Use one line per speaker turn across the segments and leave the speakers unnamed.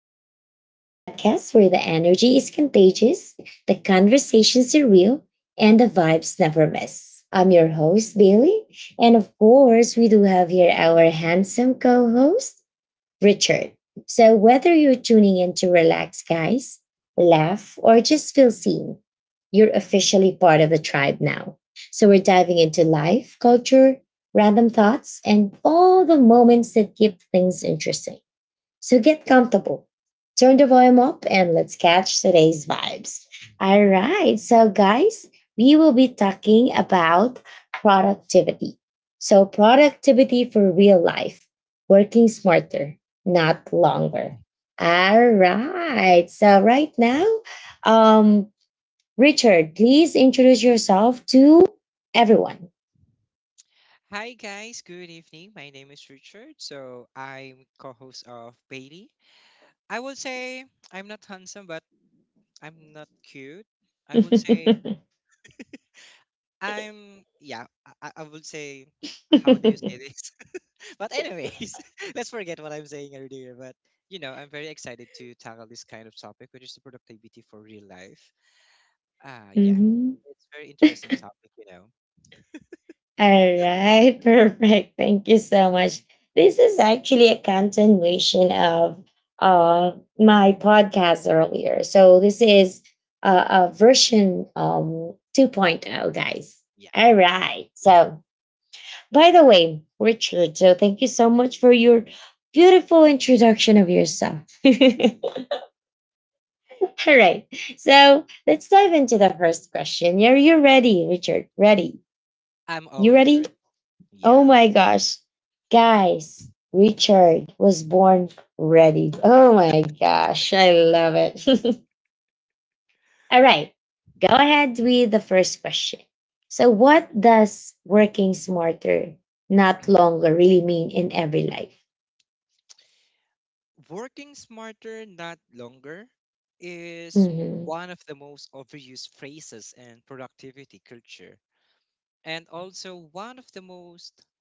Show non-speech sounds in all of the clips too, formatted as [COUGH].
Tribe, the podcast where the energy is contagious, the conversations are real, and the vibes never miss. I'm your host, Bailey. And of course, we do have here our handsome co host, Richard. So, whether you're tuning in to relax, guys, laugh, or just feel seen, you're officially part of the tribe now. So, we're diving into life, culture, random thoughts, and all the moments that keep things interesting. So get comfortable, turn the volume up, and let's catch today's vibes. All right, so guys, we will be talking about productivity. So, productivity for real life, working smarter, not longer. All right, so right now, um, Richard, please introduce yourself to everyone.
Hi guys, good evening. My name is Richard. So I'm co-host of Bailey. I would say I'm not handsome, but I'm not cute. I would say
[LAUGHS]
I'm yeah. I would say [TSK] how do you say this? [LAUGHS] But anyways, [LAUGHS] let's forget what I'm saying earlier. But you know, I'm very excited to tackle this kind of topic, which is the productivity for real life. Uh yeah,
Mhm.
it's very interesting topic. You know,
All right, [LAUGHS] perfect. Thank you so much. This is actually a continuation of uh, my podcast earlier. So, this is a version 2.0, guys.
yeah.
All right. So, by the way, Richard, so thank you so much for your beautiful introduction of yourself. [LAUGHS] All right. So, let's dive into the first question. Are you ready, Richard? Ready?
I'm
You ready?
always ready.
Oh my
Yeah.
gosh. Guys, Richard was born ready. Oh my gosh. I love it. [LAUGHS] All right. Go ahead with the first question. So, what does working smarter, not longer, really mean in every life?
Working smarter, not longer, is
Mhm,
one of the most overused phrases in productivity culture, and also one of the most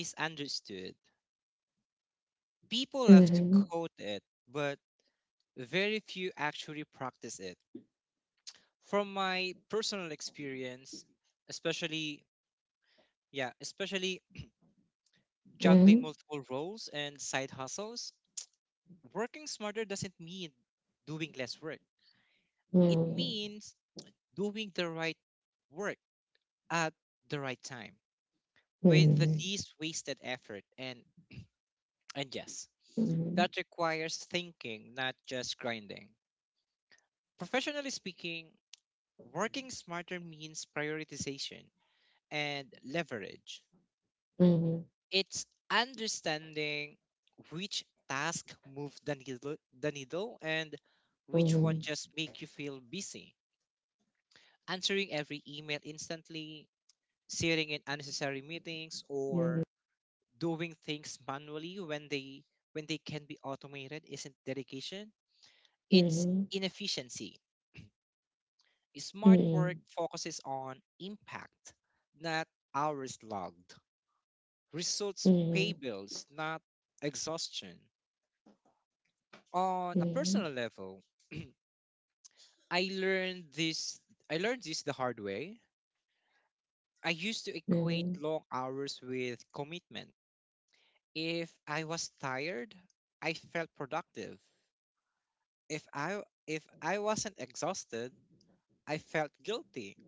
misunderstood. People love to
mhm,
quote it, but very few actually practice it. From my personal experience, especially yeah, especially
mhm,
juggling multiple roles and side hustles, working smarter doesn't mean doing less work. It
mhm,
means doing the right work at the right time with the
mhm,
least wasted effort, and yes,
mhm,
that requires thinking, not just grinding. Professionally speaking, working smarter means prioritization and leverage.
mhm, mhm,
It's understanding which task move the needle, and
mhm, mhm,
which
mhm,
one just make you feel busy. Answering every email instantly, sitting in unnecessary meetings, or doing things manually when they can be automated isn't dedication, it's
mhm,
inefficiency. Smart work focuses on impact, not hours logged. Results pay bills, not exhaustion. On a personal level, i learned this I learned this the hard way. I used to equate
mhm,
long hours with commitment. If I was tired, I felt productive. If i if i wasn't exhausted, I felt guilty.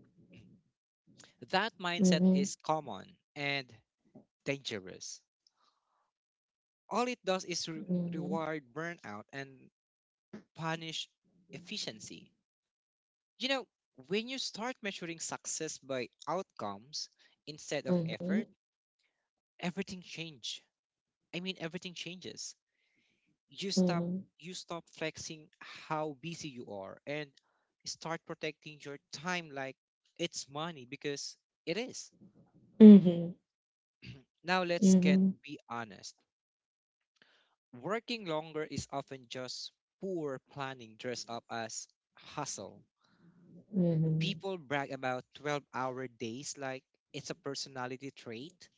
That
mhm,
mindset
mhm,
is common and dangerous. All it does is reward burnout and punish efficiency. You know, when you start measuring success by outcomes instead of
mhm, mhm.
effort, everything change. Everything changes. You stop
Mhm.
you stop flexing how busy you are and start protecting your time like it's money, because it is.
Mhm.
Now, let's get
Mhm.
be honest. Working longer is often just poor planning dressed up as hustle.
Mhm.
People brag about 12-hour days like it's a personality trait,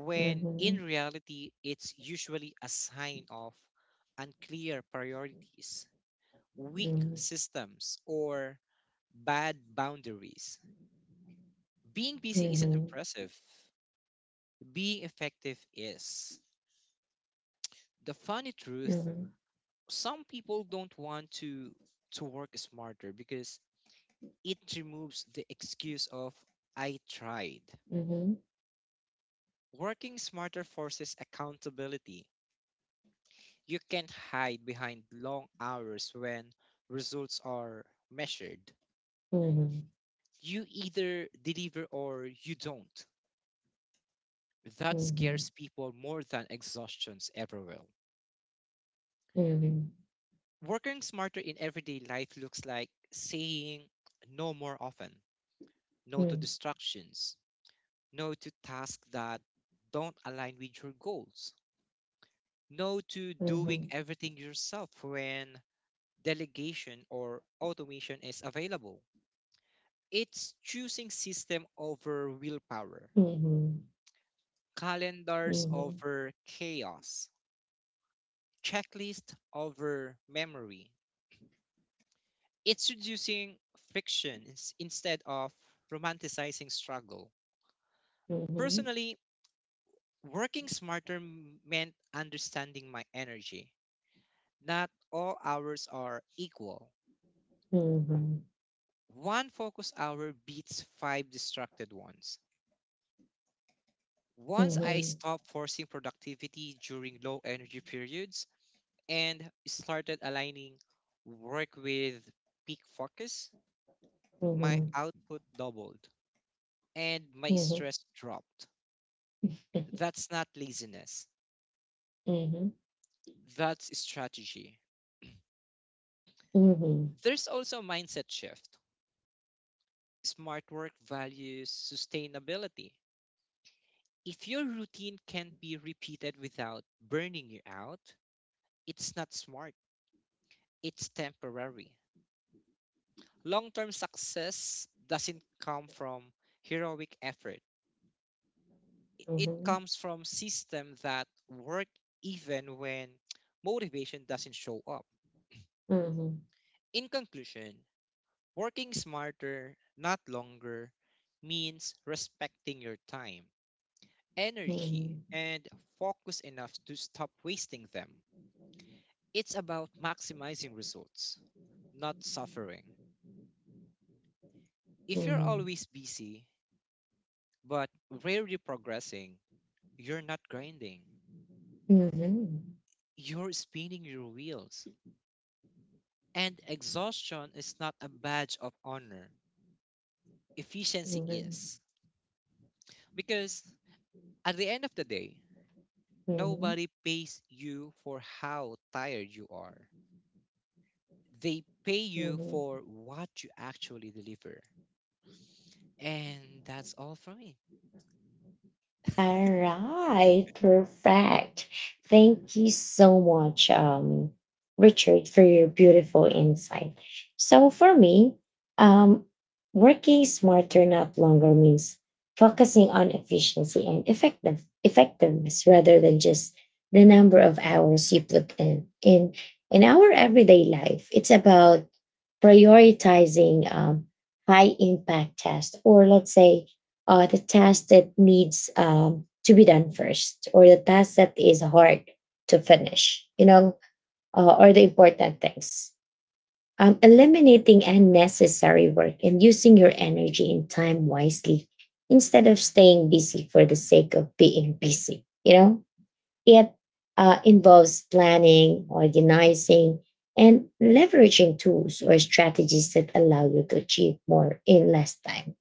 when
Mhm.
in reality, it's usually a sign of unclear priorities, weak
Mhm.
systems, or bad boundaries. Being busy isn't impressive, being effective is. The funny truth,
Mhm.
some people don't want to work smarter because it removes the excuse of "I tried."
Mhm.
Working smarter forces accountability. You can't hide behind long hours when results are measured.
Mhm.
You either deliver or you don't. That
Mhm.
scares people more than exhaustions ever will.
Mhm.
Working smarter in everyday life looks like saying no more often, no to distractions, no to tasks that don't align with your goals, no to
Mhm.
doing everything yourself when delegation or automation is available. It's choosing system over willpower,
Mhm.
calendars
Mhm.
over chaos, checklist over memory. It's reducing friction instead of romanticizing struggle.
Mhm.
Personally, working smarter meant understanding my energy. Not all hours are equal.
Mhm.
One focus hour beats five distracted ones.
Mhm. Mhm.
Once I
Mhm.
stopped forcing productivity during low energy periods and started aligning work with peak focus, my
Mhm.
output doubled and my stress dropped. That's not laziness, that's strategy. There's also a mindset shift. Smart work values sustainability. If your routine can't be repeated without burning you out, it's not smart, it's temporary. Long term success doesn't come from heroic effort, I-
Mhm. Mhm. Mhm. Mhm.
it
Mhm.
comes from systems that work even when motivation doesn't show up.
Mhm.
In conclusion, working smarter, not longer, means respecting your time, energy, and focus enough to stop wasting them. It's about maximizing results, not suffering. If you're always busy, but where you're progressing, you're not grinding, you're spinning your wheels. And exhaustion is not a badge of honor,
Mhm.
efficiency
Mhm. Mhm.
is. Because at the end of the day,
Mhm.
nobody pays you for how tired you are, they pay you
Mhm.
for what you actually deliver. And that's all for me.
All right, perfect. Thank you so much, Richard, for your beautiful insight. So, for me, um, working smarter, not longer, means focusing on efficiency and effective effectiveness rather than just the number of hours you put in in our everyday life. It's about prioritizing high impact tasks, or let's say the task that needs to be done first, or the task that is hard to finish, you
Mhm.
know, or the important things. Eliminating unnecessary work and using your energy and time wisely instead of staying busy for the sake of being busy, you know? It involves planning, organizing, and leveraging tools or strategies that allow you to achieve more in less time.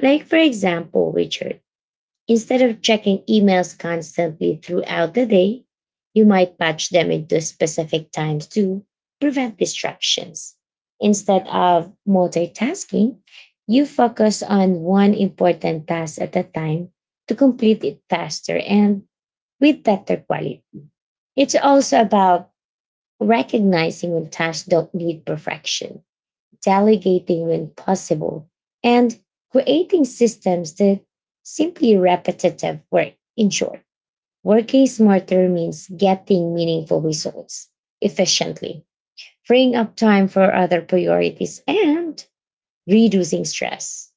Like, for example, Richard, instead of checking emails constantly throughout the day, you might batch them into specific times to prevent distractions. Instead
Yeah.
of multitasking, you focus on one important task at a time to complete it faster and with better quality. It's also about recognizing when tasks don't need perfection, delegating when possible, and creating systems that simply repetitive work. In short,
Mhm.
working smarter means getting meaningful results efficiently, freeing up time for other priorities, and reducing stress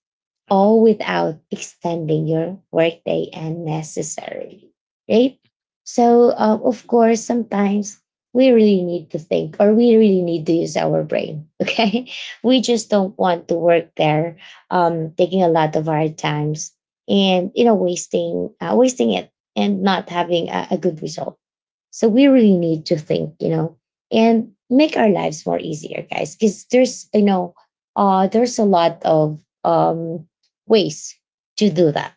Okay.
all without extending your workday unnecessarily, right? So, of course, sometimes we really need to think or we really need to use our brain, [LAUGHS] okay? We
Yeah.
just don't want to work there, taking a lot of our times and, you know, wasting, wasting it and not having a good result so we
Yeah.
really need to think, you know, and make our lives more easier, guys, because there's, you know, there's a lot of ways to do that,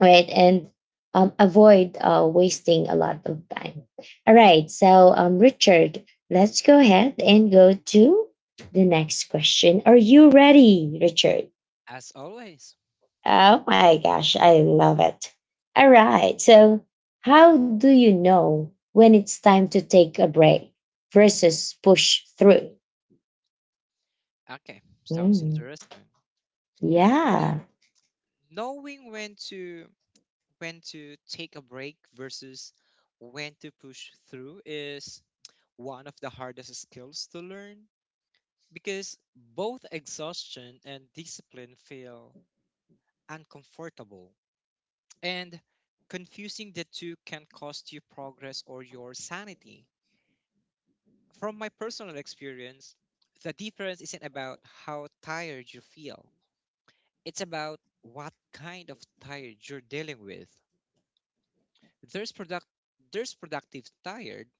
right? And avoid wasting a lot of time. All right. So, Richard, let's go ahead and go to the next question. Are you ready, Richard?
As always.
Oh my gosh, I love it. All right. So, how do you know when it's time to take a break versus push through?
Okay. Sounds
Mm,
interesting.
yeah.
You Knowing when to take a break versus when to push through is one of the hardest skills to learn, because both exhaustion and discipline feel uncomfortable, and confusing the two can cost you progress or your sanity. From my personal experience, the difference isn't about how tired you feel, it's about what kind of tired you're dealing with. There's productive tired,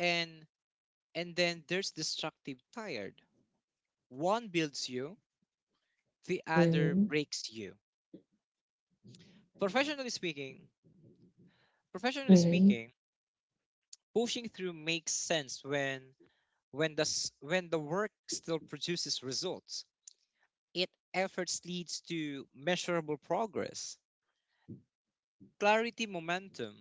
and and then there's destructive tired. One builds you, the other
Mhm,
breaks you. professionally speaking Professionally
mhm,
speaking, pushing through makes sense when when the work still produces results. It efforts leads to measurable progress, clarity, momentum,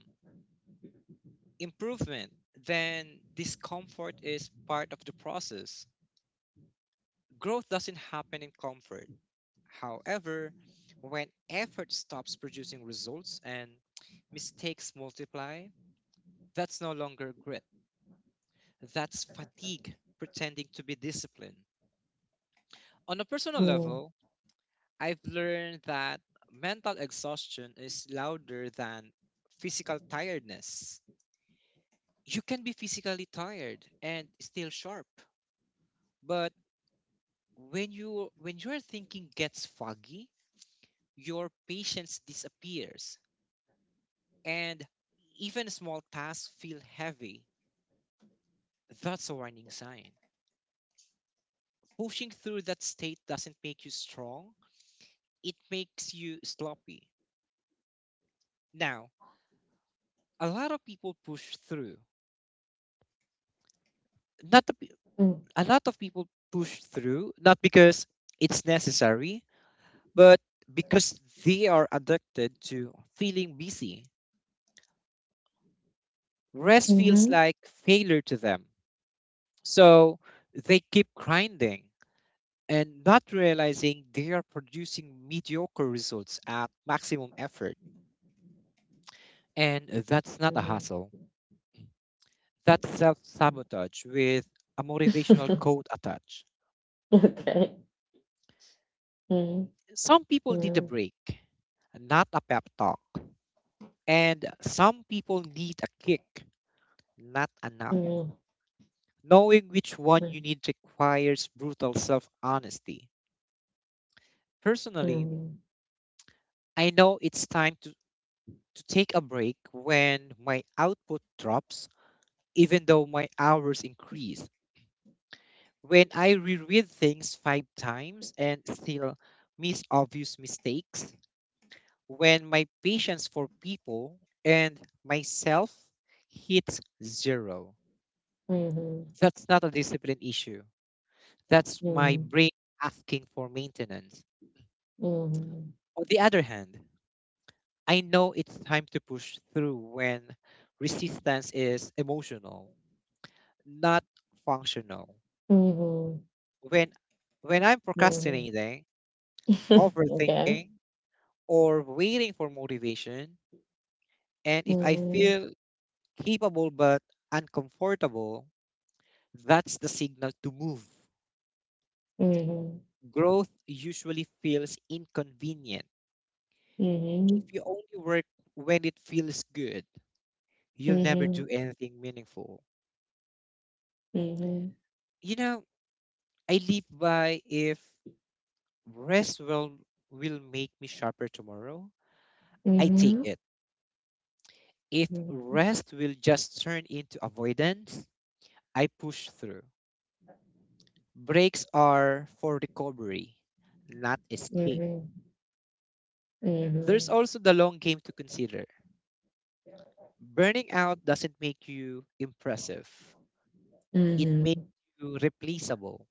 improvement. Then discomfort is part of the process. Growth doesn't happen in comfort. However, when effort stops producing results and mistakes multiply, that's no longer grit. That's fatigue pretending to be discipline. On a personal
mm,
level, I've learned that mental exhaustion is louder than physical tiredness. You can be physically tired and still sharp, but when your thinking gets foggy, your patience disappears, and even small tasks feel heavy. That's a warning sign. Pushing through that state doesn't make you strong, it makes you sloppy. Now, a lot of people push through. Not the, pe-
mm,
a lot of people push through not because it's necessary, but because they are addicted to feeling busy. Rest feels
mhm,
like failure to them. So they keep grinding and not realizing they are producing mediocre results at maximum effort. And that's not a
mhm.
hustle, that's self sabotage with a motivational
[LAUGHS]
quote attached.
Okay. Mm,
Some people need a
mm,
break, not a pep talk. And some people need a kick, not a
mm,
nap.
mm,
Knowing which one you need requires brutal self honesty. Personally,
mm,
I know it's time to take a break when my output drops even though my hours increased. When I reread things five times and still miss obvious mistakes, when my patience for people and myself hits zero,
mhm,
that's not a discipline issue. That's my brain asking for maintenance.
mm,
On the other hand, I know it's time to push through when resistance is emotional, not functional.
mhm, mhm,
When when I'm
mhm.
procrastinating,
[LAUGHS] Okay.
overthinking, or waiting for motivation. And if I
Mhm,
feel capable but uncomfortable, that's the signal to move.
mhm,
Growth usually feels inconvenient. If
mhm,
you only work when it feels good,
mhm,
you'll never
mhm.
do anything meaningful.
Mhm.
You know, I live by: if rest will, will make me sharper tomorrow, I take
Mhm.
it. If
Mhm.
rest will just turn into avoidance, I push through. Breaks are for recovery, not escape.
Mhm.
There's
Mhm.
also the long game to consider. Burning out doesn't make you impressive, it makes
Mhm.
you replaceable.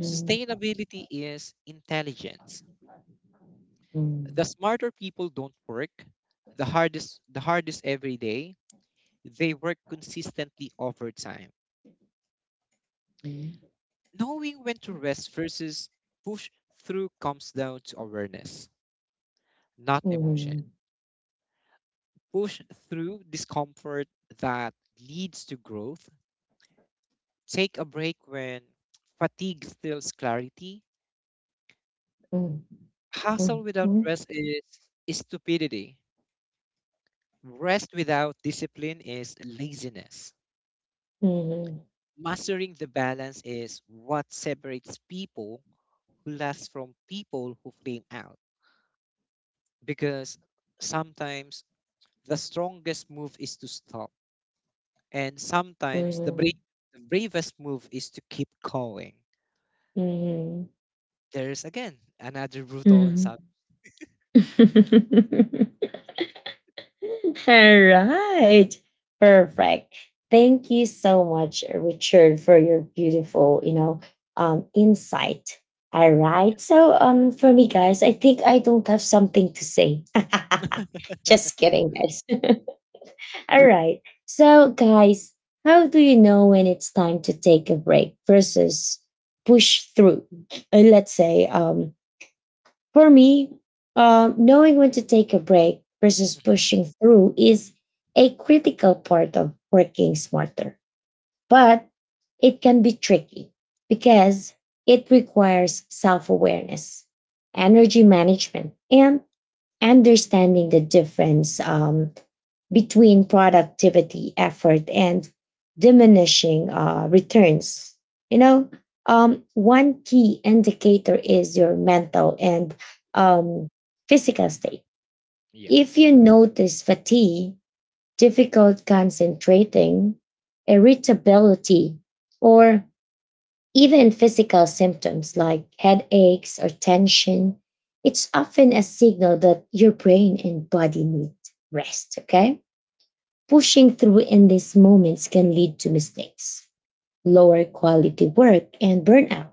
Sustainability is intelligence. The
Mhm.
smarter people don't work the hardest every day. They work consistently over time. Knowing when to rest versus push through comes down to awareness, not
Mhm.
emotion.
Mhm.
Push through discomfort that leads to growth. Take a break when fatigue steals clarity.
Mhm.
Hustle
Mhm. Mhm.
without rest is stupidity. Rest without discipline is laziness.
Mhm.
Mastering the balance is what separates people who last from people who flame out. Because sometimes the strongest move is to stop, and sometimes
Mhm.
the bravest move is to keep going.
Mhm.
There's again another brutal and sub.
Mhm. [LAUGHS] [LAUGHS] All right. Perfect. Thank you so much, Richard, for your beautiful, you know, insight. All right. So, for me, guys, I think I don't have something to say. [LAUGHS] Just kidding, guys. [LAUGHS] All right. So, guys, how do you know when it's time to take a break versus push through? Let's say, for me, knowing when to take a break versus
Mhm.
pushing through is a critical part of working smarter. But it can be tricky because it requires self awareness, energy management, and understanding the difference between productivity, effort, and diminishing returns. You know, one key indicator is your mental and um, physical state.
Yeah.
If you notice fatigue, difficult concentrating, irritability, or even physical symptoms like headaches or tension, it's often a signal that your brain and body need rest. Okay. Pushing through in these moments can lead to mistakes, lower quality work, and burnout.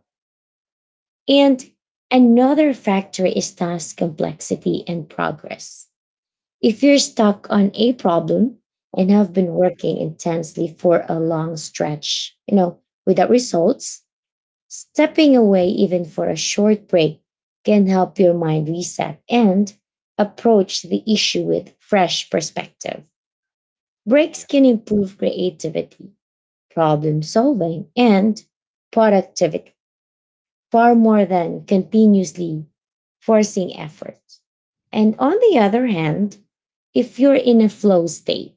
And another factor is task complexity and progress. If you're stuck on a problem and have been working intensely for a long stretch, you know, without results, stepping away even for a short break can help your mind reset and approach the issue with fresh perspective. Breaks can improve creativity problem solving, and productivity far more than continuously forcing effort. And on the other hand, if you're in a flow state,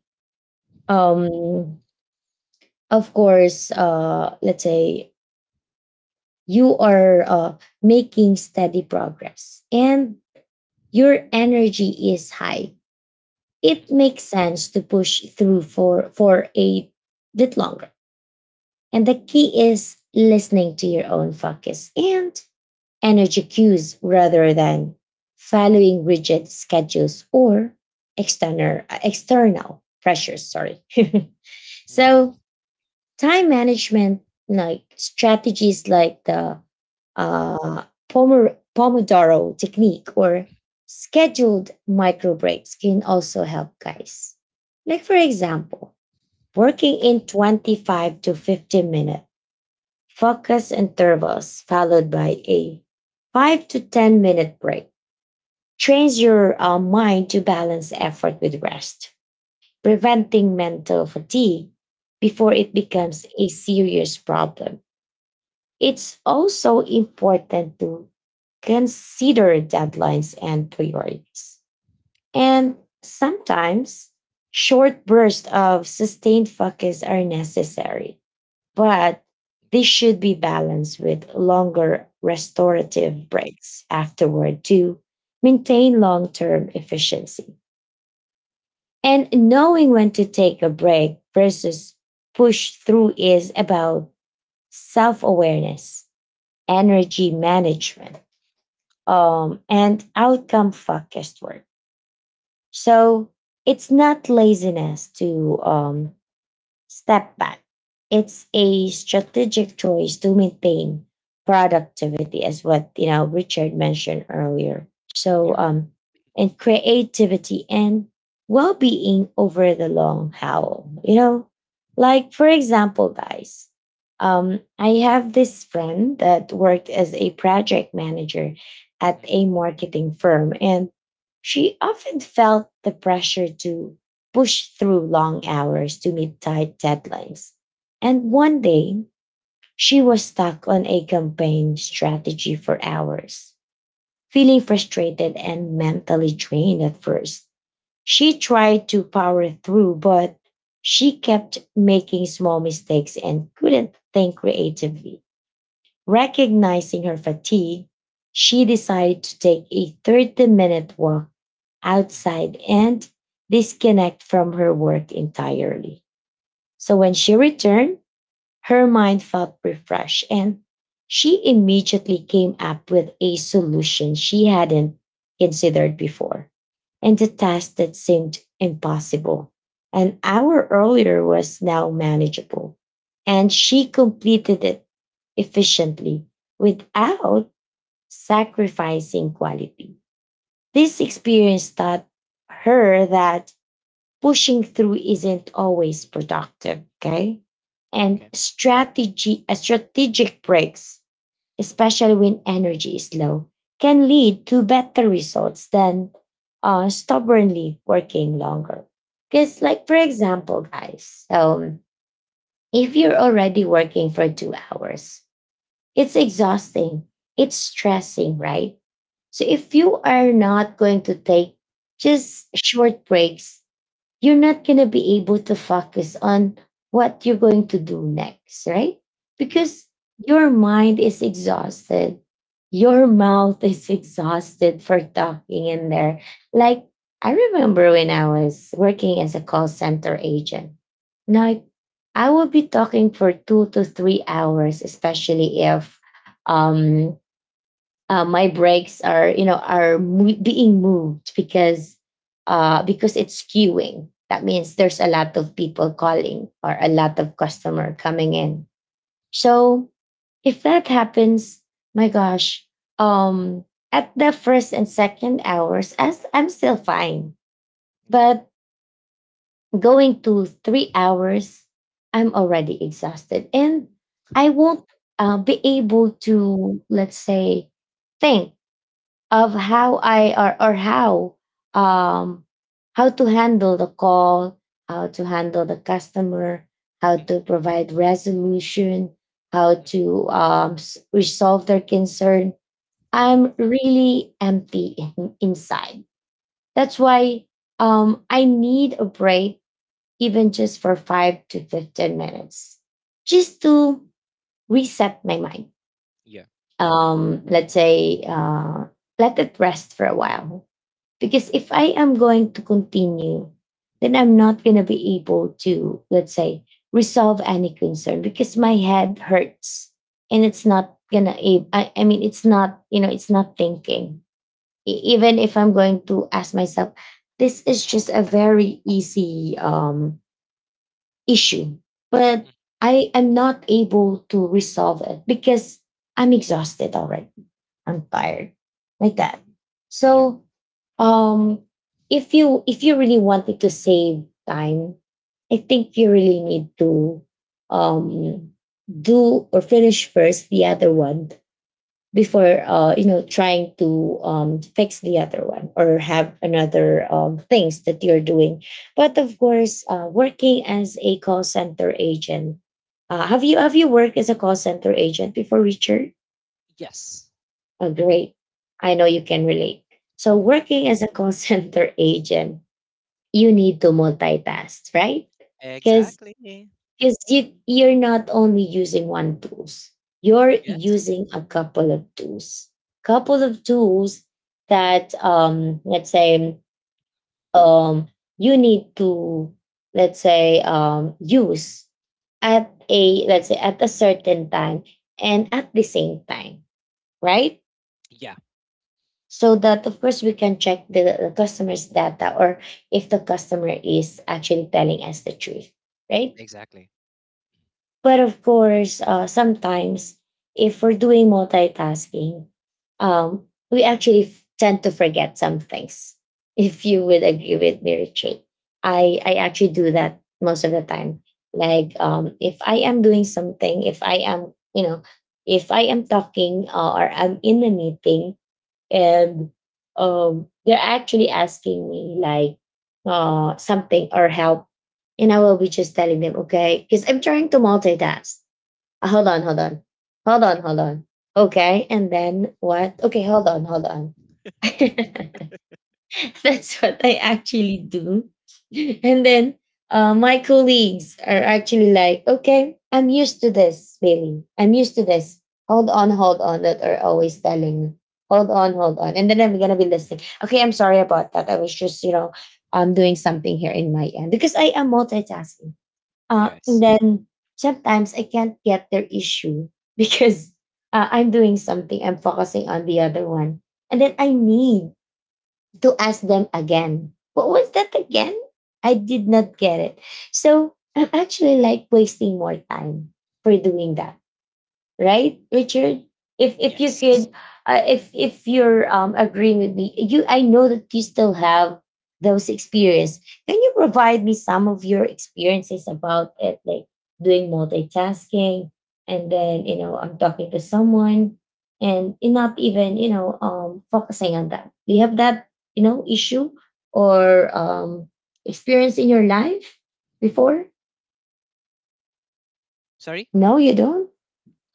um, of course, let's say you are making steady progress and your energy is high, it
Hmm.
makes sense to push through for a bit longer. And the key is listening to your own focus and energy cues rather than following rigid schedules or external external pressures sorry. [LAUGHS]
Yeah.
So time management like strategies like the uh, pomodoro technique or scheduled micro breaks can also help guys like for example
Hmm.
working in 25 to 50 minutes focus intervals followed by a 5 to 10 minute break trains your mind to balance effort with rest, preventing mental fatigue before
Hmm.
it becomes a serious problem. It's also important to consider deadlines and priorities. And sometimes, short bursts of sustained focus are necessary
Hmm.
but this should be balanced with longer restorative breaks afterward to maintain long term efficiency. And knowing when to take a break versus push through is about self awareness, energy management, and outcome focused work. So it's not laziness to step back. It's a strategic choice to maintain productivity, as what you know Richard mentioned earlier. So,
Yeah.
and creativity and well-being over the long haul. You know, like for example, guys, I have this friend that worked as a project manager at
Hmm.
a marketing firm, and she often felt the pressure to push through long hours to meet tight deadlines. And one day, she was stuck on a campaign strategy for hours, feeling frustrated and mentally drained at first. She tried to power through, but she kept making small mistakes and couldn't think creatively. Recognizing her fatigue, she decided to take a 30-minute walk
Hmm. [CLEARS THROAT]
outside and disconnect from her work entirely. So when she returned, her mind felt refreshed and she immediately came up with a solution she hadn't considered before and the task that seemed impossible an hour earlier was now manageable and she completed it efficiently without sacrificing quality. This experience taught her that pushing through isn't always productive. Okay. And
Okay.
strategy, strategic breaks, especially when energy is low, can lead to better results than stubbornly working longer. Because,
Mm.
like, for example, guys, if you're already working for 2 hours, it's exhausting, it's stressing, right? So, if you are not going to take just short breaks you're not going to be able to focus on what you're going to do next, right?
Yeah.
Because your mind is exhausted. Your mouth is [LAUGHS] exhausted for talking in there. Like, I remember when I was working as a call center agent. Like, I would be talking for 2 to 3 hours, especially if um, my brakes are you know are being moved because it's queuing. That means there's a lot of people calling or a lot of customer coming in. So if that happens, my gosh, um, at the first and second hours, as I'm still fine,
Yeah.
but going to 3 hours, I'm already exhausted, and I won't be able to, let's say, think of how I or um how to handle the call, how to handle the customer, how
Hmm.
to provide resolution, how
Hmm.
to resolve their concern.
Hmm.
I'm really empty inside. That's why I need a break, even just for 5 to 15 minutes, just to reset my mind.
Yeah.
Let's say, let it rest for a while because if I am going to continue, then I'm not going to be able to, let's say, resolve any concern because my head hurts and it's not going to, I mean, it's not, you know, it's not thinking. Even if I'm going to ask myself, this is just a very easy issue, but
Mm.
I am not able to resolve it because I'm exhausted already. I'm tired. Like that.
Yeah.
So um if you really wanted to save time, I think you really need to um do or finish first the other one before you know trying to fix the other one or have another things that you're doing. But of course working as a call center agent, have you, have you worked as a call center agent before, Richard?
Yes.
Oh, great. I know you can relate. So, working as a call [LAUGHS] center agent, you need to multitask, right? Because
Exactly.
you're not only using one tools, you're
Yes.
using a couple of tools. Couple of tools that, let's say, um, you need to, let's say, use at a, let's say, at a certain time and at the same time, right?
Yeah,
So that of course we can check the customer's data, or if the customer is actually telling us the truth, right?
exactly.
But of course sometimes if we're doing multitasking, um, we actually tend to forget some things [LAUGHS] if you would agree with me, Richard. I actually do that most of the time. Like if I am doing something, if I am you know, if I am talking or I'm in a meeting and they're actually asking me, like something or help, and I will be just telling them, okay, because I'm trying to multitask. Hold on, hold on, hold
Sure.
on, hold on. Okay, and then what? Okay, hold on, hold on. [LAUGHS] [LAUGHS] That's what I actually do. [LAUGHS] And then my colleagues are actually like, okay, I'm used to this, Bailey. I'm used to this. Hold on, hold on. That are always telling me, hold on, hold on. And then I'm going to be listening. Okay, I'm sorry about that. I was just, you know, doing something here in my end because I am multitasking. And
Yes.
then sometimes I can't get their issue because I'm doing something, I'm focusing on the other one. And then I need to ask them again. What was that again? I did not get it. So I'm actually like wasting more time for doing that, right, Richard? If you
Yes.
could, if you're agreeing with me, you, I know that you still have those experience. Can you provide me some of your experiences about it, like doing multitasking and then you know I'm talking to someone and not even you know focusing on that? Do you have that you know issue or experience in your life before?
Sorry?
No, you don't.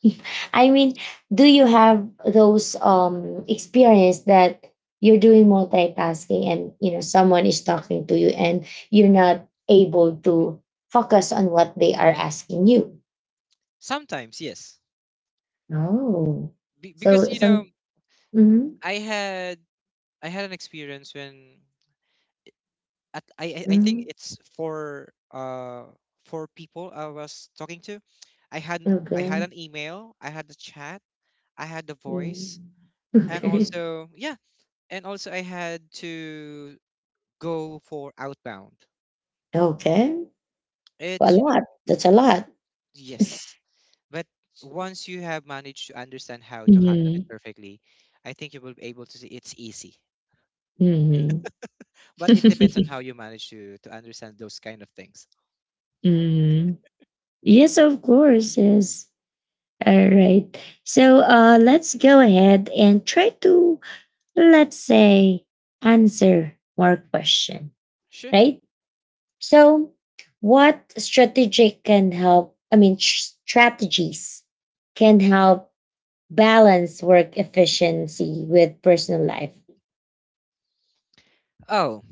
[LAUGHS] I mean, do you have those experience that you're doing multitasking and you know someone is talking to you and you're not able to focus on what they are asking you?
Sometimes, yes.
Oh,
Because
so
you know,
some. Mm-hmm,
I had I had an experience when at I think
mm-hmm,
it's for people I was talking to. I had I had
okay.
an email, I had the chat, I had the voice,
Mm. [LAUGHS]
and
Okay.
also yeah, and also I had to go for outbound.
Okay. A
It's you know,
lot. That's a lot.
yes. But once you have managed to understand how to handle it
Mm-hmm.
perfectly, I think you will be able to see it's easy.
Mm-hmm.
But it depends on how you manage to understand those kind of things.
[LAUGHS] Mm. Yes, of course. Yes. All right. So let's go ahead and try to, let's say, answer more question,
Sure.
right? So what strategy can help, I mean, strategies can help balance work efficiency with personal life?
Oh,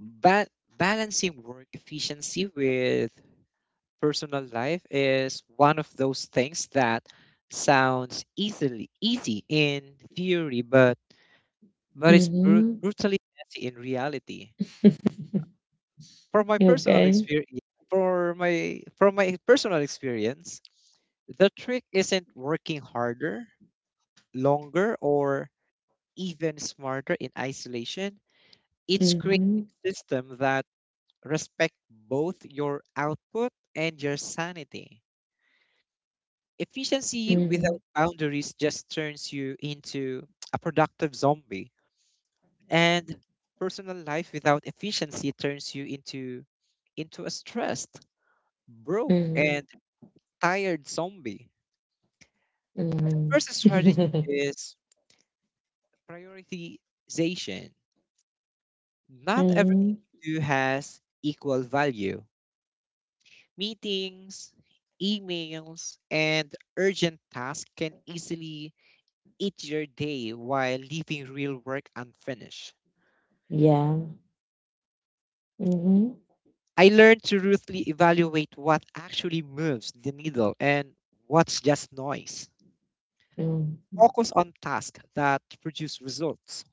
ba- balancing work efficiency with personal life is one of those things that sounds easily easy in theory, but
Mm-hmm.
brutally messy in reality. For my personal
Okay.
experience, for my from my personal experience, the trick isn't working harder, longer, or even smarter in isolation. It's creating
Mm-hmm.
a system that respect both your output and your sanity. Efficiency
Mm-hmm.
without boundaries just turns you into a productive zombie, and personal life without efficiency turns you into a stressed, broke,
Mm-hmm.
and tired zombie. The first strategy
Mm-hmm. [LAUGHS]
is prioritization. Not everything
Mm-hmm.
you do has equal value. Meetings, emails, and urgent tasks can easily eat your day while leaving real work unfinished.
Yeah. Mm-hmm.
I learned to ruthlessly evaluate what actually moves the needle and what's just noise.
Mm-hmm.
Focus on tasks that produce results,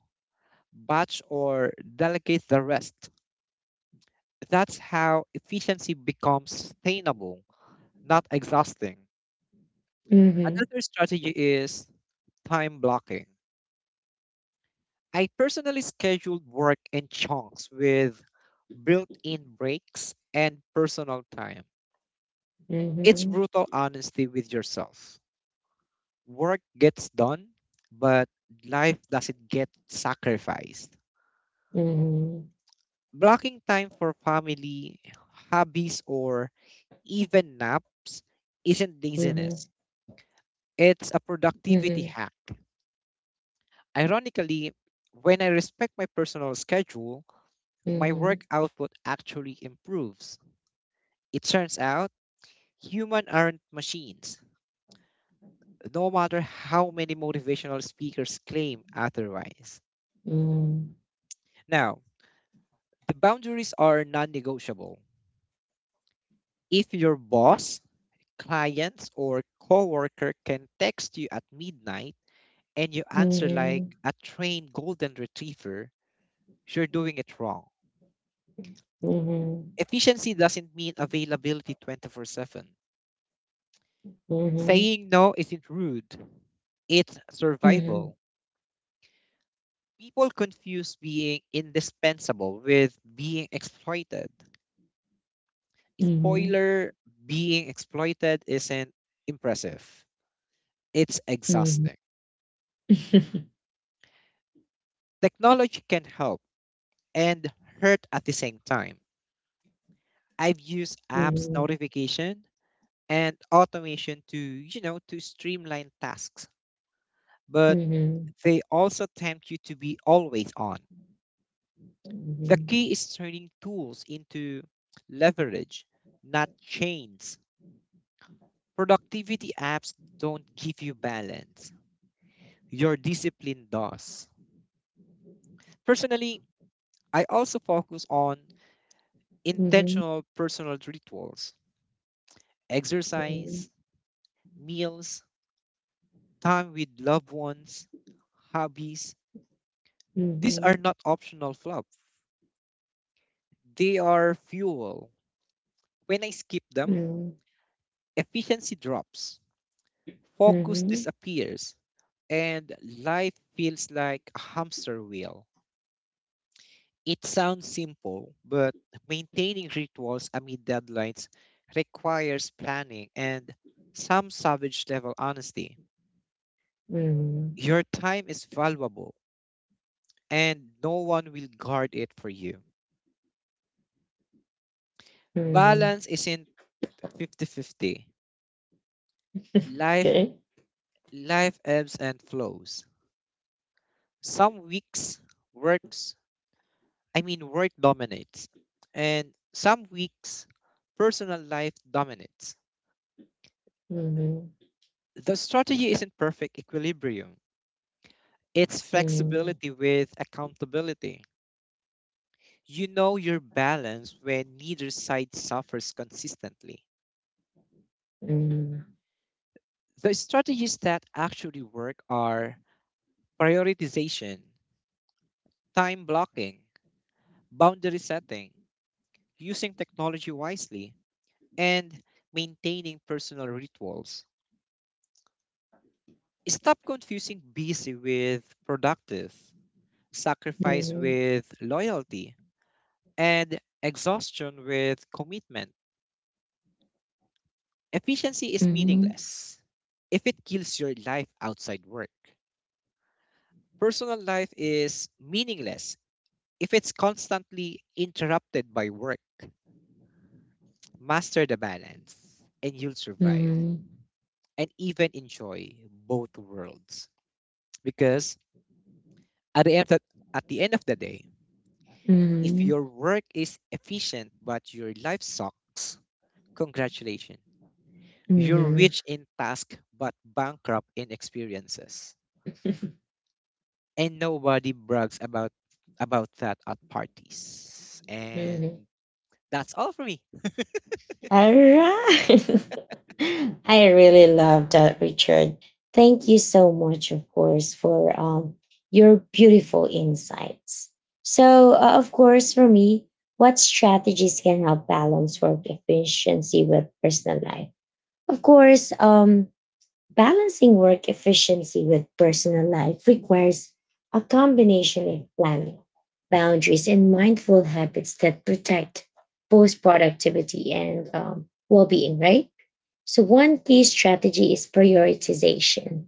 batch or delegate the rest. That's how efficiency becomes sustainable, not exhausting.
Mm-hmm.
Another strategy is time blocking. I personally scheduled work in chunks with built in breaks and personal time. It's
Mm-hmm.
brutal honesty with yourself. Work gets done, but life doesn't get sacrificed.
Mhm,
Blocking time for family, hobbies, or even naps isn't
mhm,
laziness, it's a productivity
mhm,
hack. Ironically, when I respect my personal schedule,
mhm,
my
mhm,
work output actually improves. It turns out humans aren't machines, no matter how many motivational speakers claim otherwise.
mhm,
Now, the boundaries are non negotiable. If your boss, clients, or coworker can text you at midnight and you answer like
mhm,
a trained golden retriever, you're doing it wrong. Efficiency doesn't mean availability 24/7.
mhm,
Saying no isn't rude, it's
mhm,
survival. People confuse being indispensable with being exploited.
mhm,
Spoiler, being exploited isn't impressive, it's
mhm.
exhausting.
[LAUGHS]
Technology can help and hurt at the same time. I've used apps,
Mhm,
notification, and automation to streamline tasks, but
mhm,
they also tempt you to be always on. The
mhm,
key is turning tools into leverage, not chains. Productivity apps don't give you balance, your discipline does. Personally, I also focus on intentional personal rituals, exercise, meals, time with loved ones, hobbies.
mhm,
These are
mhm,
not optional fluff, they are fuel. When I skip them,
mhm,
efficiency drops,
mhm,
focus
mhm,
disappears, and life feels like a hamster wheel. It sounds simple, but maintaining rituals amid deadlines requires planning and some savage level honesty.
mhm,
Your time is valuable, and no one will guard it for you.
mhm.
Balance isn't 50-50. Life,
Okay.
life ebbs and flows. Some weeks, works work dominates. And some weeks, personal life dominates.
Mhm,
The strategy isn't perfect equilibrium, it's
mhm,
flexibility with accountability. You know your balance when neither side suffers consistently.
mhm,
The strategies that actually work are prioritization, time blocking, boundary setting, using technology wisely, and maintaining personal rituals. Stop confusing busy with productive,
mhm,
sacrifice
mhm,
with loyalty, and exhaustion with commitment. Efficiency is
mhm,
meaningless if it kills your life outside work. Personal life is meaningless if it's constantly interrupted by work. Master the balance, and you'll survive and even enjoy both worlds. Because at the end, of- at the end of the day, if
mhm,
your work is efficient but your life sucks, congratulations.
mhm,
You're
mhm,
rich in task but bankrupt in experiences. And nobody brags about that at parties.
mhm.
And that's all for me.
All right. [LAUGHS] I really love that, Richard. Thank you so much, of course, for your beautiful insights. So, of course, for me, what strategies can help balance work efficiency with personal life? Of course, balancing work efficiency with personal life requires a combination of planning,
Hmm.
boundaries, and mindful habits that protect both productivity and well being, right? So, one key strategy is prioritization.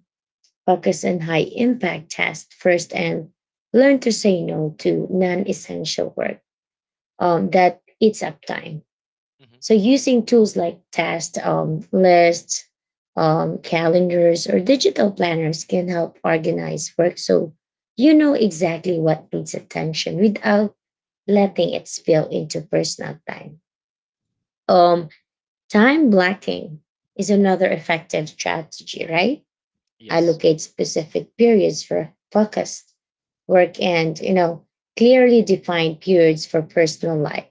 Focus on high impact tasks first and learn to say no to non essential work that eats up time. So
Hmm.
using tools like tasks, lists, calendars, or digital planners can help organize work so you know exactly what needs attention without letting it spill into personal time. Um, Time blocking is another effective strategy, right?
Yes.
Allocate specific periods for focused work and, you know, clearly define periods for personal life,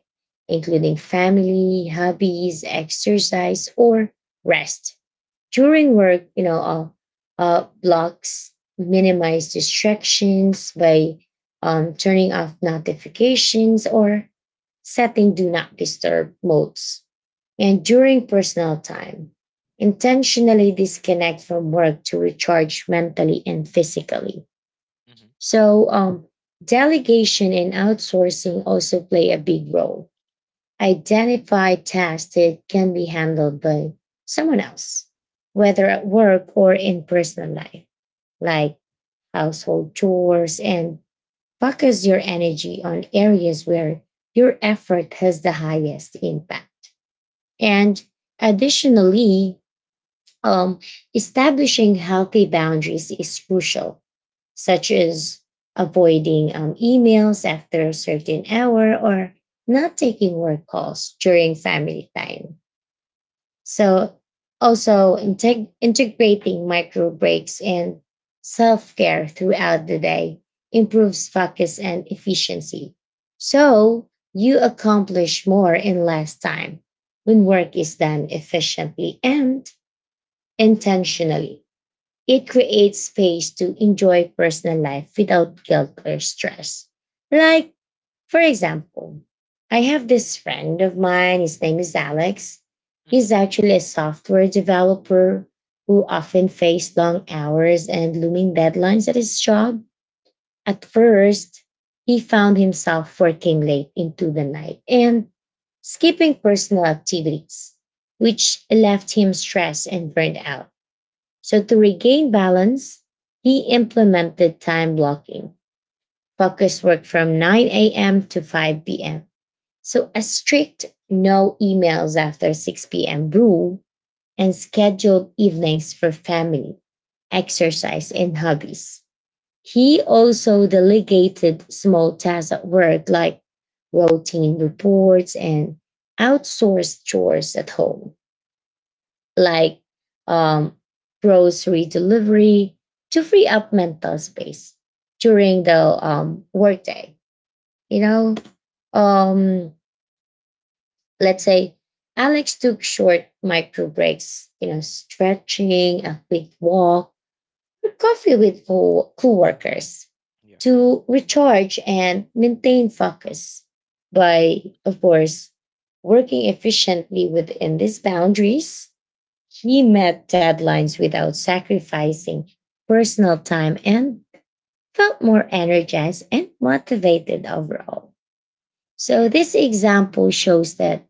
including family, hobbies, exercise, or rest. During work, you know, blocks, minimize distractions by turning off notifications or setting do not disturb modes, and during personal time, intentionally disconnect from work to recharge mentally and physically.
Hmm.
So, delegation and outsourcing also play a big role. Identify tasks that can be handled by someone else, whether at work or in personal life, like household chores, and focus your energy on areas where your effort has the highest impact.
Yeah.
And additionally, Um, establishing healthy boundaries is crucial, such as avoiding emails after a certain hour or not taking work calls during family time. So, also integrating micro breaks and self care throughout the day improves focus and efficiency. So, you accomplish more in less time when work is done efficiently and intentionally. It
Yeah.
creates space to enjoy personal life without guilt or stress. Like, for example, I have this friend of mine, his name is Alex. He's
Hmm.
actually a software developer who often faced long hours and looming deadlines at his job. At first, he found himself working late into the night and skipping personal activities, which left him stressed and burned out. So, to regain balance, he implemented time blocking. Focus work from 9 a.m. to 5 p.m. So, a strict no emails after 6 p.m. rule and scheduled evenings for family, exercise, and hobbies. He also delegated small tasks at work like routine reports and outsourced chores at home, like um, grocery delivery, to free up mental space during the workday. You know, um, let's say Alex took short micro breaks, you know, stretching, a quick walk, or coffee with coworkers
Yeah.
to recharge and maintain focus by, of course, working efficiently within these boundaries. He met deadlines without sacrificing personal time and felt more energized and motivated overall. So,
Yeah.
this example shows that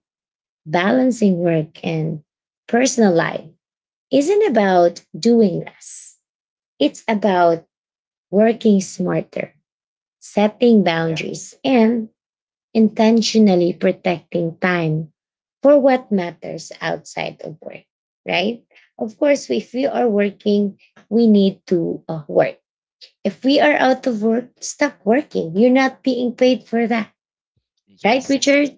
balancing work and personal life isn't about doing less, it's about working smarter, setting
Yeah.
boundaries, and intentionally protecting time for what matters outside of work, right? Of course, if we are working, we need to work. If we are out of work, stop working. You're not being paid for that, right,
Yes.
Richard?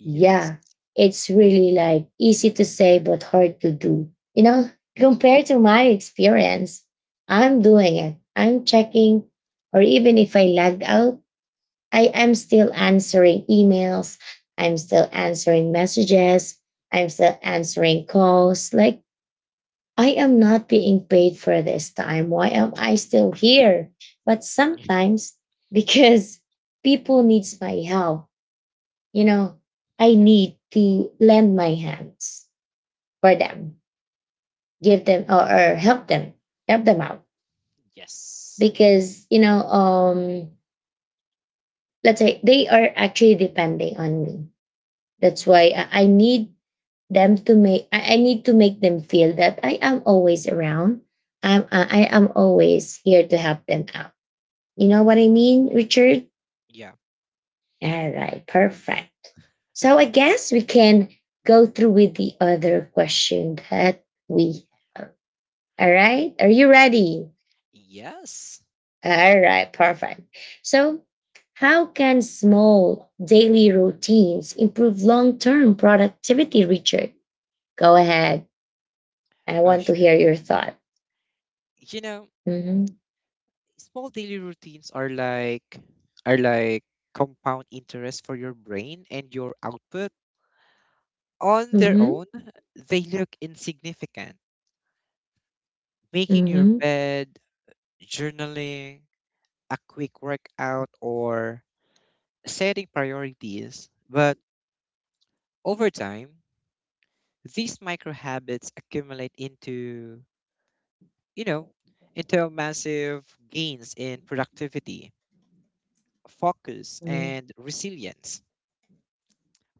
Yes.
Yeah, it's really like easy to say, but hard to do. You know, compared to my experience, I'm doing it. I'm checking, or even if I lagged out, I am still answering emails. I'm still answering messages. I'm still answering calls. Like, I am not being paid for this time. Why am I still here? But
[LAUGHS]
sometimes, [LAUGHS] because people needs my help, you know, I
Yeah. Yeah.
need to lend my hands for them, give them or help them out.
Yes.
Because, you know, let's say they are actually depending on me. That's why I need them to make, I need to make them feel that I am always around. I am always here to help them out. You know what I mean, Richard?
Yeah.
All right, perfect. So I guess we can go through with the other question that we have. All right, are you
Sure.
ready?
Yes.
All right, perfect. So, how can small daily routines improve long term productivity, Richard? Go ahead. I
Oh,
want to
sure.
hear your thought.
You know,
Mm-hmm.
small daily routines are like compound interest for your brain and your output on their
Mhm,
own, they look insignificant, making your
mhm,
bed, journaling, a quick workout, or setting priorities, but over time, these micro habits accumulate into you know into massive gains in productivity, focus,
mhm,
and resilience.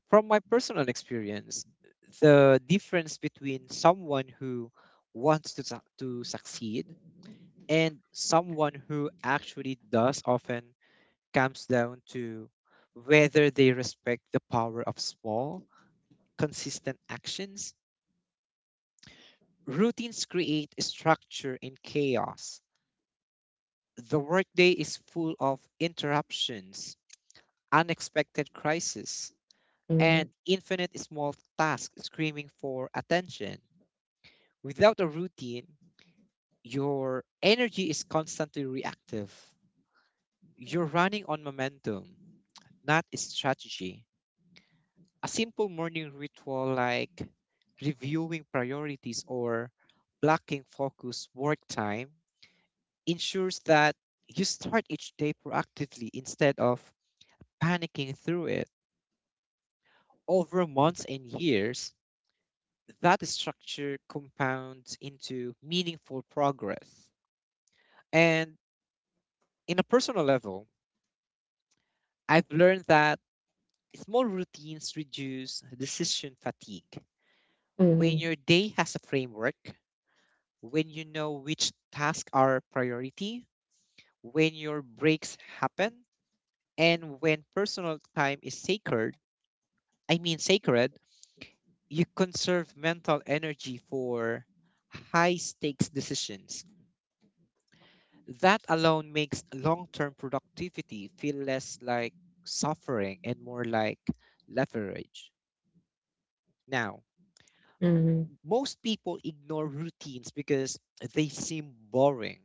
From my personal experience, the difference between someone who wants to succeed and someone who actually does often comes down to whether they respect the power of small, consistent actions. Routines create structure in chaos. The workday is full of interruptions, unexpected crises,
mhm,
and infinite small tasks screaming for attention. Without a routine, your energy is constantly reactive. You're running on momentum, not strategy. A simple morning ritual like reviewing priorities or blocking focus work time ensures that you start each day proactively instead of panicking through it. Over months and years, that structure compounds into meaningful progress. And in a personal level, I've learned that small routines reduce decision fatigue. When
mhm,
your day has a framework, when you know which tasks are priority, when your breaks happen, and when personal time is sacred, I mean sacred, you conserve mental energy for high stakes decisions. That alone makes long term productivity feel less like suffering and more like leverage. Now,
mhm,
most people ignore routines because they seem boring,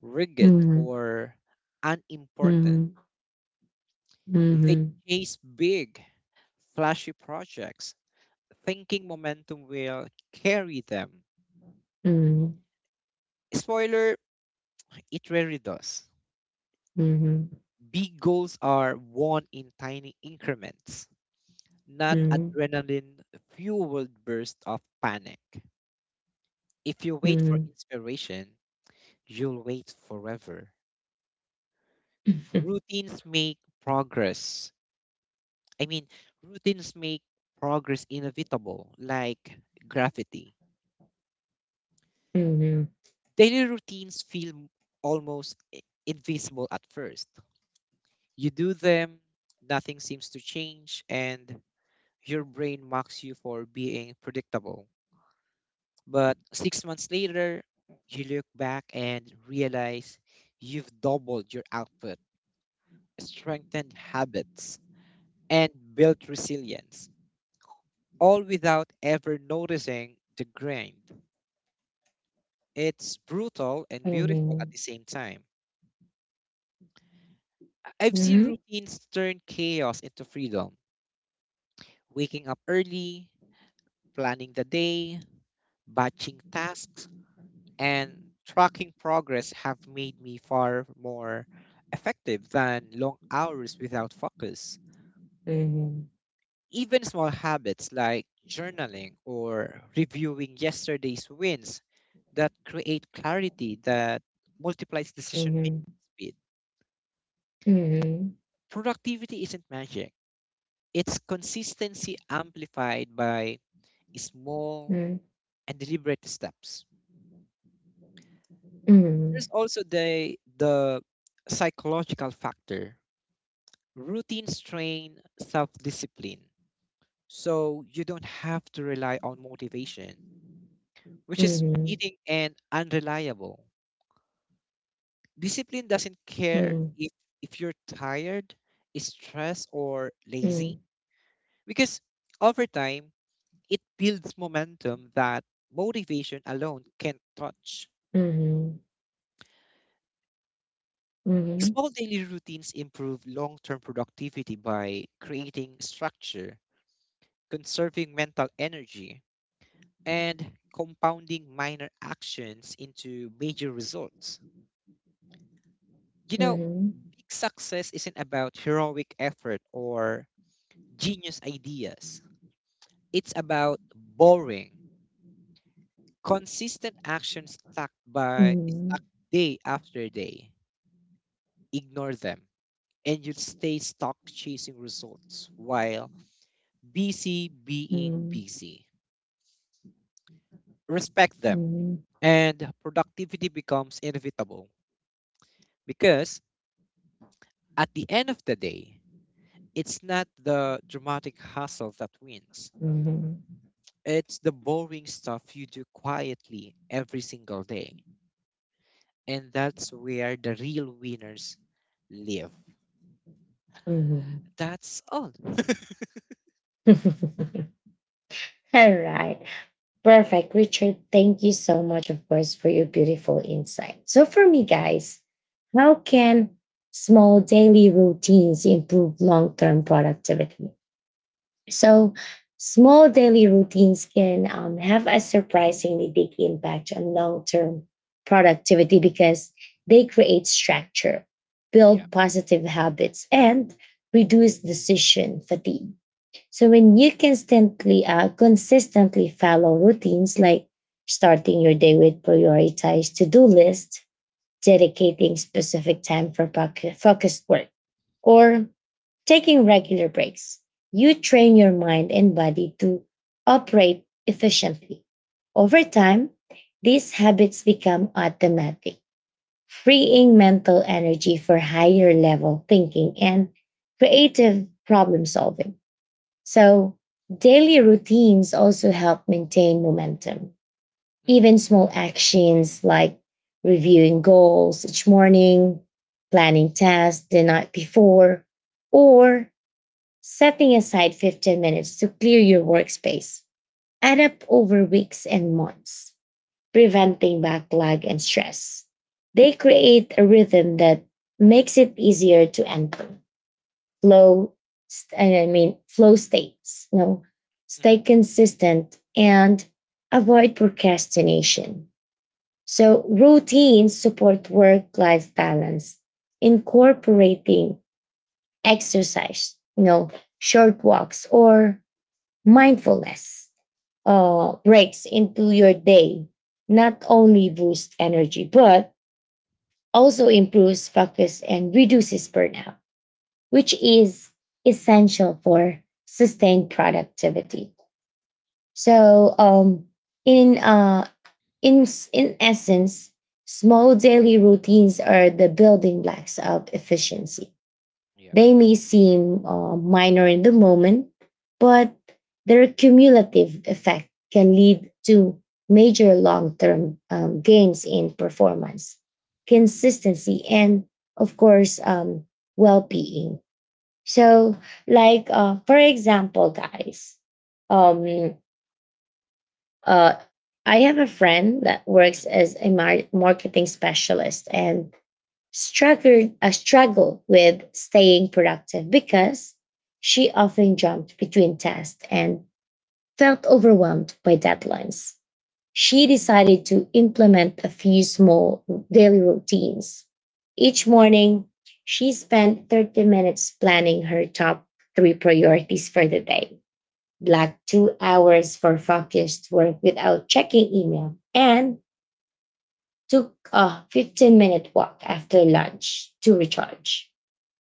rigid,
mhm, mhm,
or unimportant.
mhm,
They
mhm,
chase big, flashy projects, thinking momentum will carry them.
mhm,
Spoiler, it rarely does.
mhm, mhm, mhm, mhm, mhm, mhm, mhm, mhm, mhm, mhm, mhm, mhm, mhm, mhm,
Big goals are won in tiny increments, not adrenaline fueled bursts of panic. If you wait for inspiration, you'll wait forever. Routines make progress I mean, routines make progress inevitable, like graffiti.
mhm,
Daily routines feel almost invisible at first. You do them, nothing seems to change, and your brain mocks you for being predictable. But 6 months later, you look back and realize you've doubled your output, strengthened habits, and built resilience, all without ever noticing the grind. It's brutal and beautiful at the same time. I've seen routines turn chaos into freedom, waking up early, planning the day, batching tasks, and tracking progress have made me far more effective than long hours without focus. Even small habits like journaling or reviewing yesterday's wins that create clarity that multiplies decision
mhm,
making
mhm,
speed.
mhm, mhm, mhm.
Productivity isn't magic. It's consistency amplified by small and deliberate steps. There's also the psychological factor. Routines train self-discipline. So you don't have to rely on motivation, which is fleeting and unreliable. Discipline doesn't care if you're tired, stressed, or lazy, because over time, it builds momentum that motivation alone can't touch. Small daily routines improve long term productivity by creating structure, conserving mental energy, and compounding minor actions into major results. You know, big success isn't about heroic effort or genius ideas, it's about boring, consistent actions stacked day after day. Ignore them and you'd stay stuck chasing results while busy being busy. Respect them, and productivity becomes inevitable because at the end of the day, it's not the dramatic hustle that wins. It's the boring stuff you do quietly every single day. And that's where the real winners live. That's all.
[LAUGHS] All right. Perfect, Richard. Thank you so much, of course, for your beautiful insight. So, for me, guys, how can small daily routines improve long term productivity? So, small daily routines can have a surprisingly big impact on long term productivity because they create structure,
Yeah.
build positive habits, and reduce decision fatigue. So when you constantly consistently follow routines like starting your day with prioritized to-do list, dedicating specific time for focused work, or taking regular breaks, you train your mind and body to operate efficiently. Over
Hmm.
time, these habits become automatic, freeing mental energy for higher level thinking and creative problem solving. So, daily routines also help maintain momentum.
Hmm.
Even small actions like reviewing goals each morning, planning tasks the night before, or setting aside 15 minutes to clear your workspace add up over weeks and months, preventing backlog and stress. They
Yeah.
create a rhythm that makes it easier to enter flow st- I mean flow states, you know, stay
Hmm.
consistent and avoid procrastination. So routines support work life balance. Incorporating exercise, you know, short walks or mindfulness breaks into your day not only boosts energy but also improves focus and reduces burnout, which
Hmm.
is essential for sustained productivity. So, um, in, uh, in essence, small daily routines are the building blocks of efficiency.
Yeah.
They may seem minor in the moment, but their cumulative effect can lead to major long term gains in performance, consistency, and of course, well being. So, for example, guys, um, uh, I have a friend that
Mhm.
works as a marketing specialist and struggled a struggle with staying productive because she often jumped between tasks and felt overwhelmed by deadlines. She decided to implement a few small daily routines. Each morning, she spent 30 minutes planning her top three priorities for the day, blocked 2 hours for focused work without checking email, and took a 15-minute walk after lunch to recharge.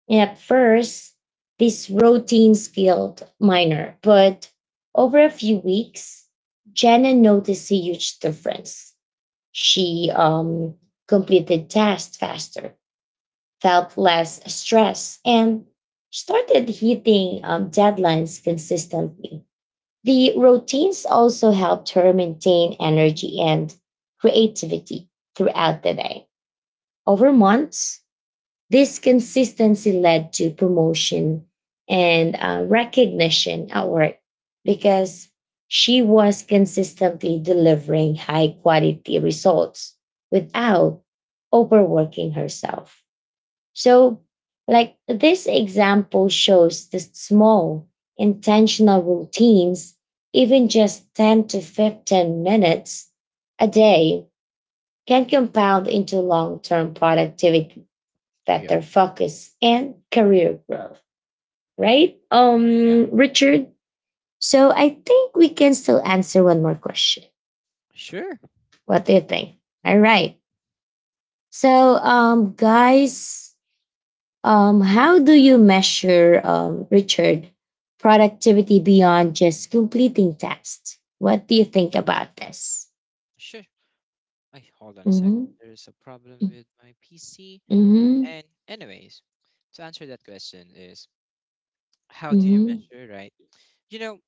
And at first, these routines felt minor, but over a few weeks, Jenna noticed a huge difference. She completed tasks faster, felt less stress, and started hitting deadlines consistently. The routines also helped her maintain energy and creativity throughout the day. Over months, this consistency led to promotion and recognition at work because she was consistently delivering high quality results without overworking herself. So, like, this example shows the small intentional routines, even just 10 to 15 minutes a day, can compound into long term productivity,
Yeah.
better focus and career growth, right?
Yeah.
Richard. So I think we can still answer one more question.
Sure.
What do you think? All right. So, guys, how do you measure, Richard, productivity beyond just completing tasks? What do you think about this?
Sure. I, hold on a sec.
Mm-hmm.
There's a problem with my PC.
Mm-hmm.
And anyways, to answer that question is, how do you
Mm-hmm.
measure, right? You know,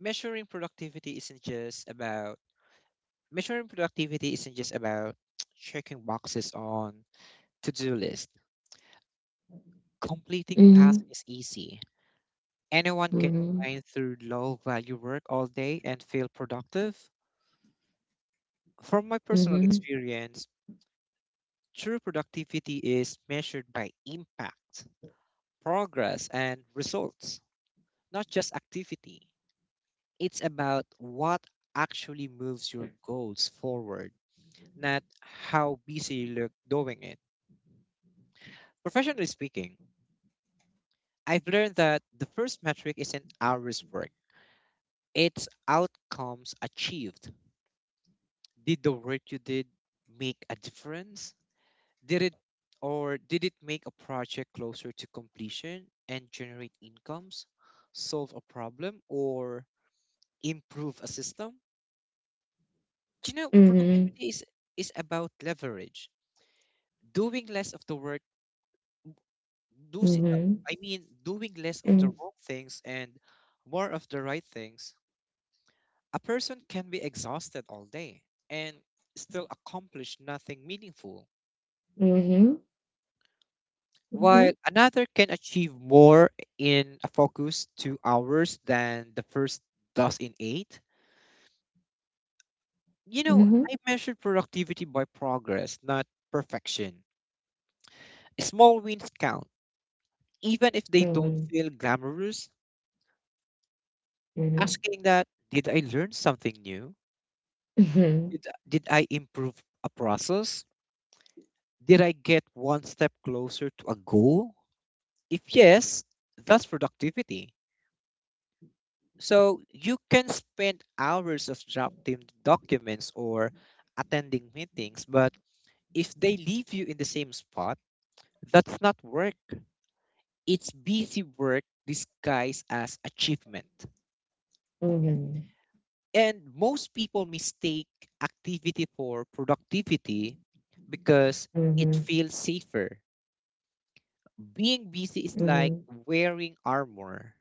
measuring productivity isn't just about measuring productivity isn't just about [TSK] checking boxes on to-do list. Completing
Mm-hmm.
tasks is easy. Anyone can
Mm-hmm.
grind through low-value work all day and feel productive. From my personal experience, true productivity is measured by impact, progress and results, not just activity. It's about what actually moves your goals forward, not how busy you look doing it. Professionally speaking, I've learned that the first metric isn't hours worked, it's outcomes achieved. Did the work you did make a difference? Did it did it make a project closer to completion and generate incomes, solve a problem, or improve a system? Do you know
Mm-hmm. Mm-hmm.
productivity is about leverage, doing less of the work, do s-
Mm-hmm.
I mean doing less of the
Mm-hmm.
wrong things and more of the right things. A person can be exhausted all day and still accomplish nothing meaningful,
Mm-hmm. Mm-hmm.
while another can achieve more in a focus 2 hours than the first does in eight. You know,
Mhm.
I measured productivity by progress not perfection. Small wins count even if they don't
Mhm.
feel glamorous,
Mhm.
asking that, did I learn something new?
Mhm.
Did I improve a process? Did I get one step closer to a goal? If yes, that's productivity. So you can spend hours of drafting documents or attending meetings, but if they leave you in the same spot, that's not work. It's busy work disguised as achievement.
Mhm.
And most people mistake activity for productivity because it
Mhm.
feels safer. Being busy is like
Mhm.
wearing armor.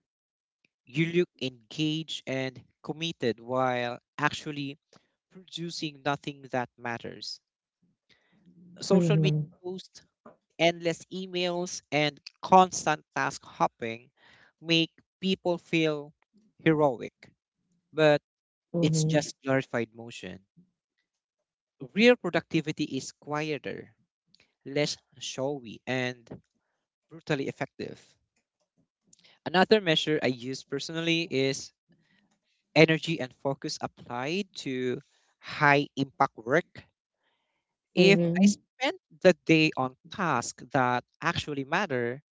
You look engaged and committed while actually producing nothing that matters. Social media
Mhm.
posts, endless emails, and constant task hopping make people feel heroic, but it's
Mhm.
just glorified motion. Real productivity is quieter, less showy, and brutally effective. Another measure I use personally is energy and focus applied to high impact work. If I spent the day on tasks that actually matter,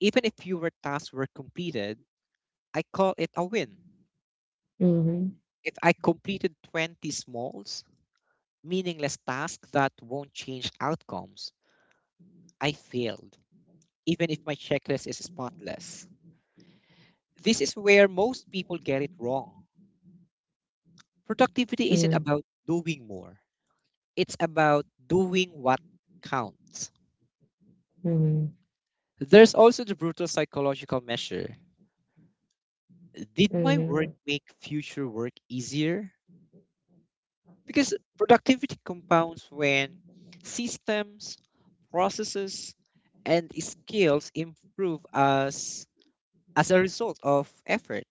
even if fewer tasks were completed, I call it a win.
Mhm. Mhm.
If I completed 20 smalls, meaningless tasks that won't change outcomes, I failed, even if my checklist is spotless. This is where most people get it wrong. Productivity isn't
Mhm.
about doing more, it's about doing what counts. There's also the brutal psychological measure. Did
Mhm.
my
Mhm.
work
Mhm.
make future work easier? Because productivity compounds when systems, processes, and skills improve as a result of effort.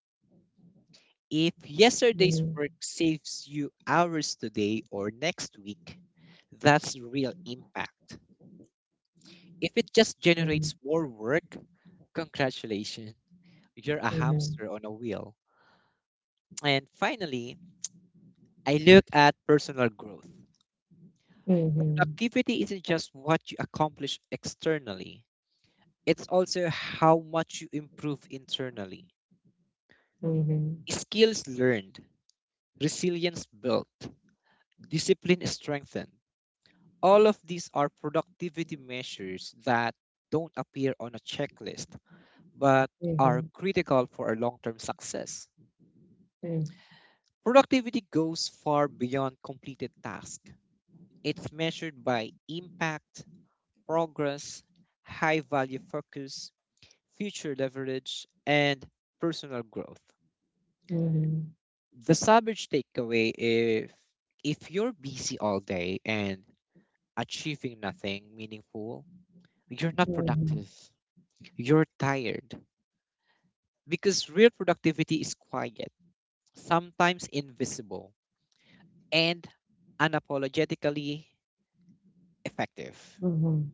If yesterday's work saves you hours today or next week, that's real impact. If it just generates more work, congratulations, you're a hamster on a wheel. And finally, I look at personal growth.
Mhm. Mhm. Mhm.
Productivity isn't just what you accomplish externally, it's also how much you improve internally.
Mhm. Mhm. Mhm.
Skills learned, resilience built, discipline strengthened, all of these are productivity measures that don't appear on a checklist, but
Mhm.
are
Mhm.
critical for our long term success. Productivity goes far beyond completed tasks, it's measured by impact, progress, high value focus, future leverage, and personal growth. The savage takeaway, if you're busy all day and achieving nothing meaningful, you're not productive. You're tired because real productivity is quiet, sometimes invisible, and unapologetically effective.
Mhm. Mhm. Mhm. Mhm.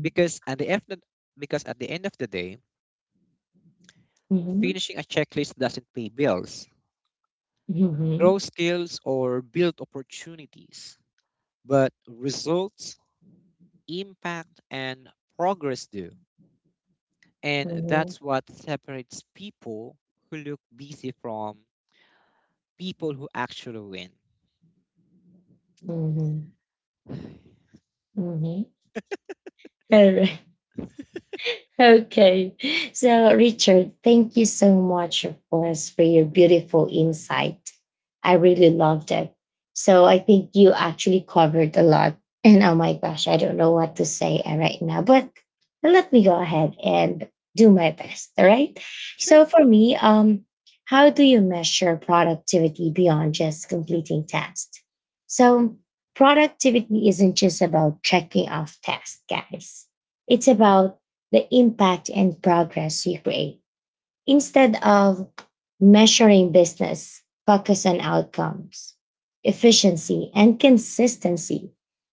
Because at the end of the day,
Mhm.
finishing a checklist doesn't pay bills, grow skills, or build opportunities, but results, impact, and progress do. And
Mhm.
that's what separates people who look busy from people who actually win. [SIGHS]
Mhm. Mhm. All right. Okay. So, Richard, thank you so much, of course, for your beautiful insight. I really loved it. So, I think you actually covered a lot. And oh my gosh, I don't know what to say right now, but let me go ahead and do my best. All right.
Sure.
So, for me, how do you measure productivity beyond just completing tasks? So, productivity isn't just about checking off tasks, guys. It's about the impact and progress you create. Instead of measuring business, focus on outcomes, efficiency, and consistency,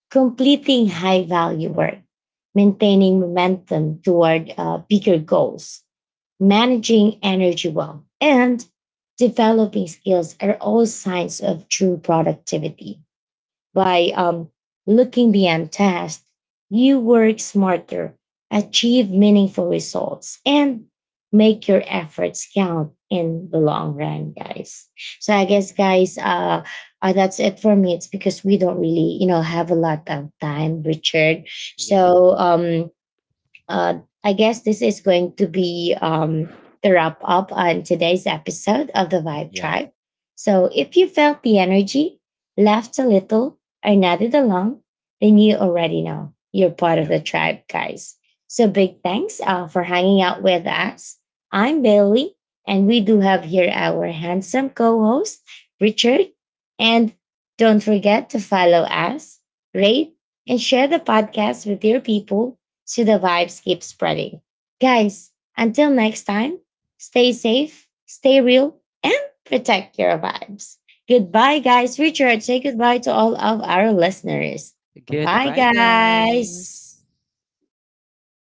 completing high value work, maintaining momentum toward bigger goals, managing energy well, and developing skills are all signs of true productivity. By looking beyond tasks, you work smarter, achieve meaningful results, and make your efforts count in the long run, guys. So I guess, guys, that's it for me. It's because we don't really, have a lot of time, Richard.
Yeah.
So uh, I guess this is going to be the wrap up on today's episode of the Vibe
Yeah.
Tribe. So if you felt the energy, laughed a little, or nodded along, then you already know you're part of
Yeah.
the tribe, guys. So big thanks for hanging out with us. I'm Bailey, and we do have here our handsome co host, Richard. And don't forget to follow us, rate, and share the podcast with your people so the vibes keep spreading. Guys, until next time, stay safe, stay real, and protect your vibes. Goodbye, guys. Richard, say goodbye to all of our listeners. Bye,
Goodbye, guys.
guys.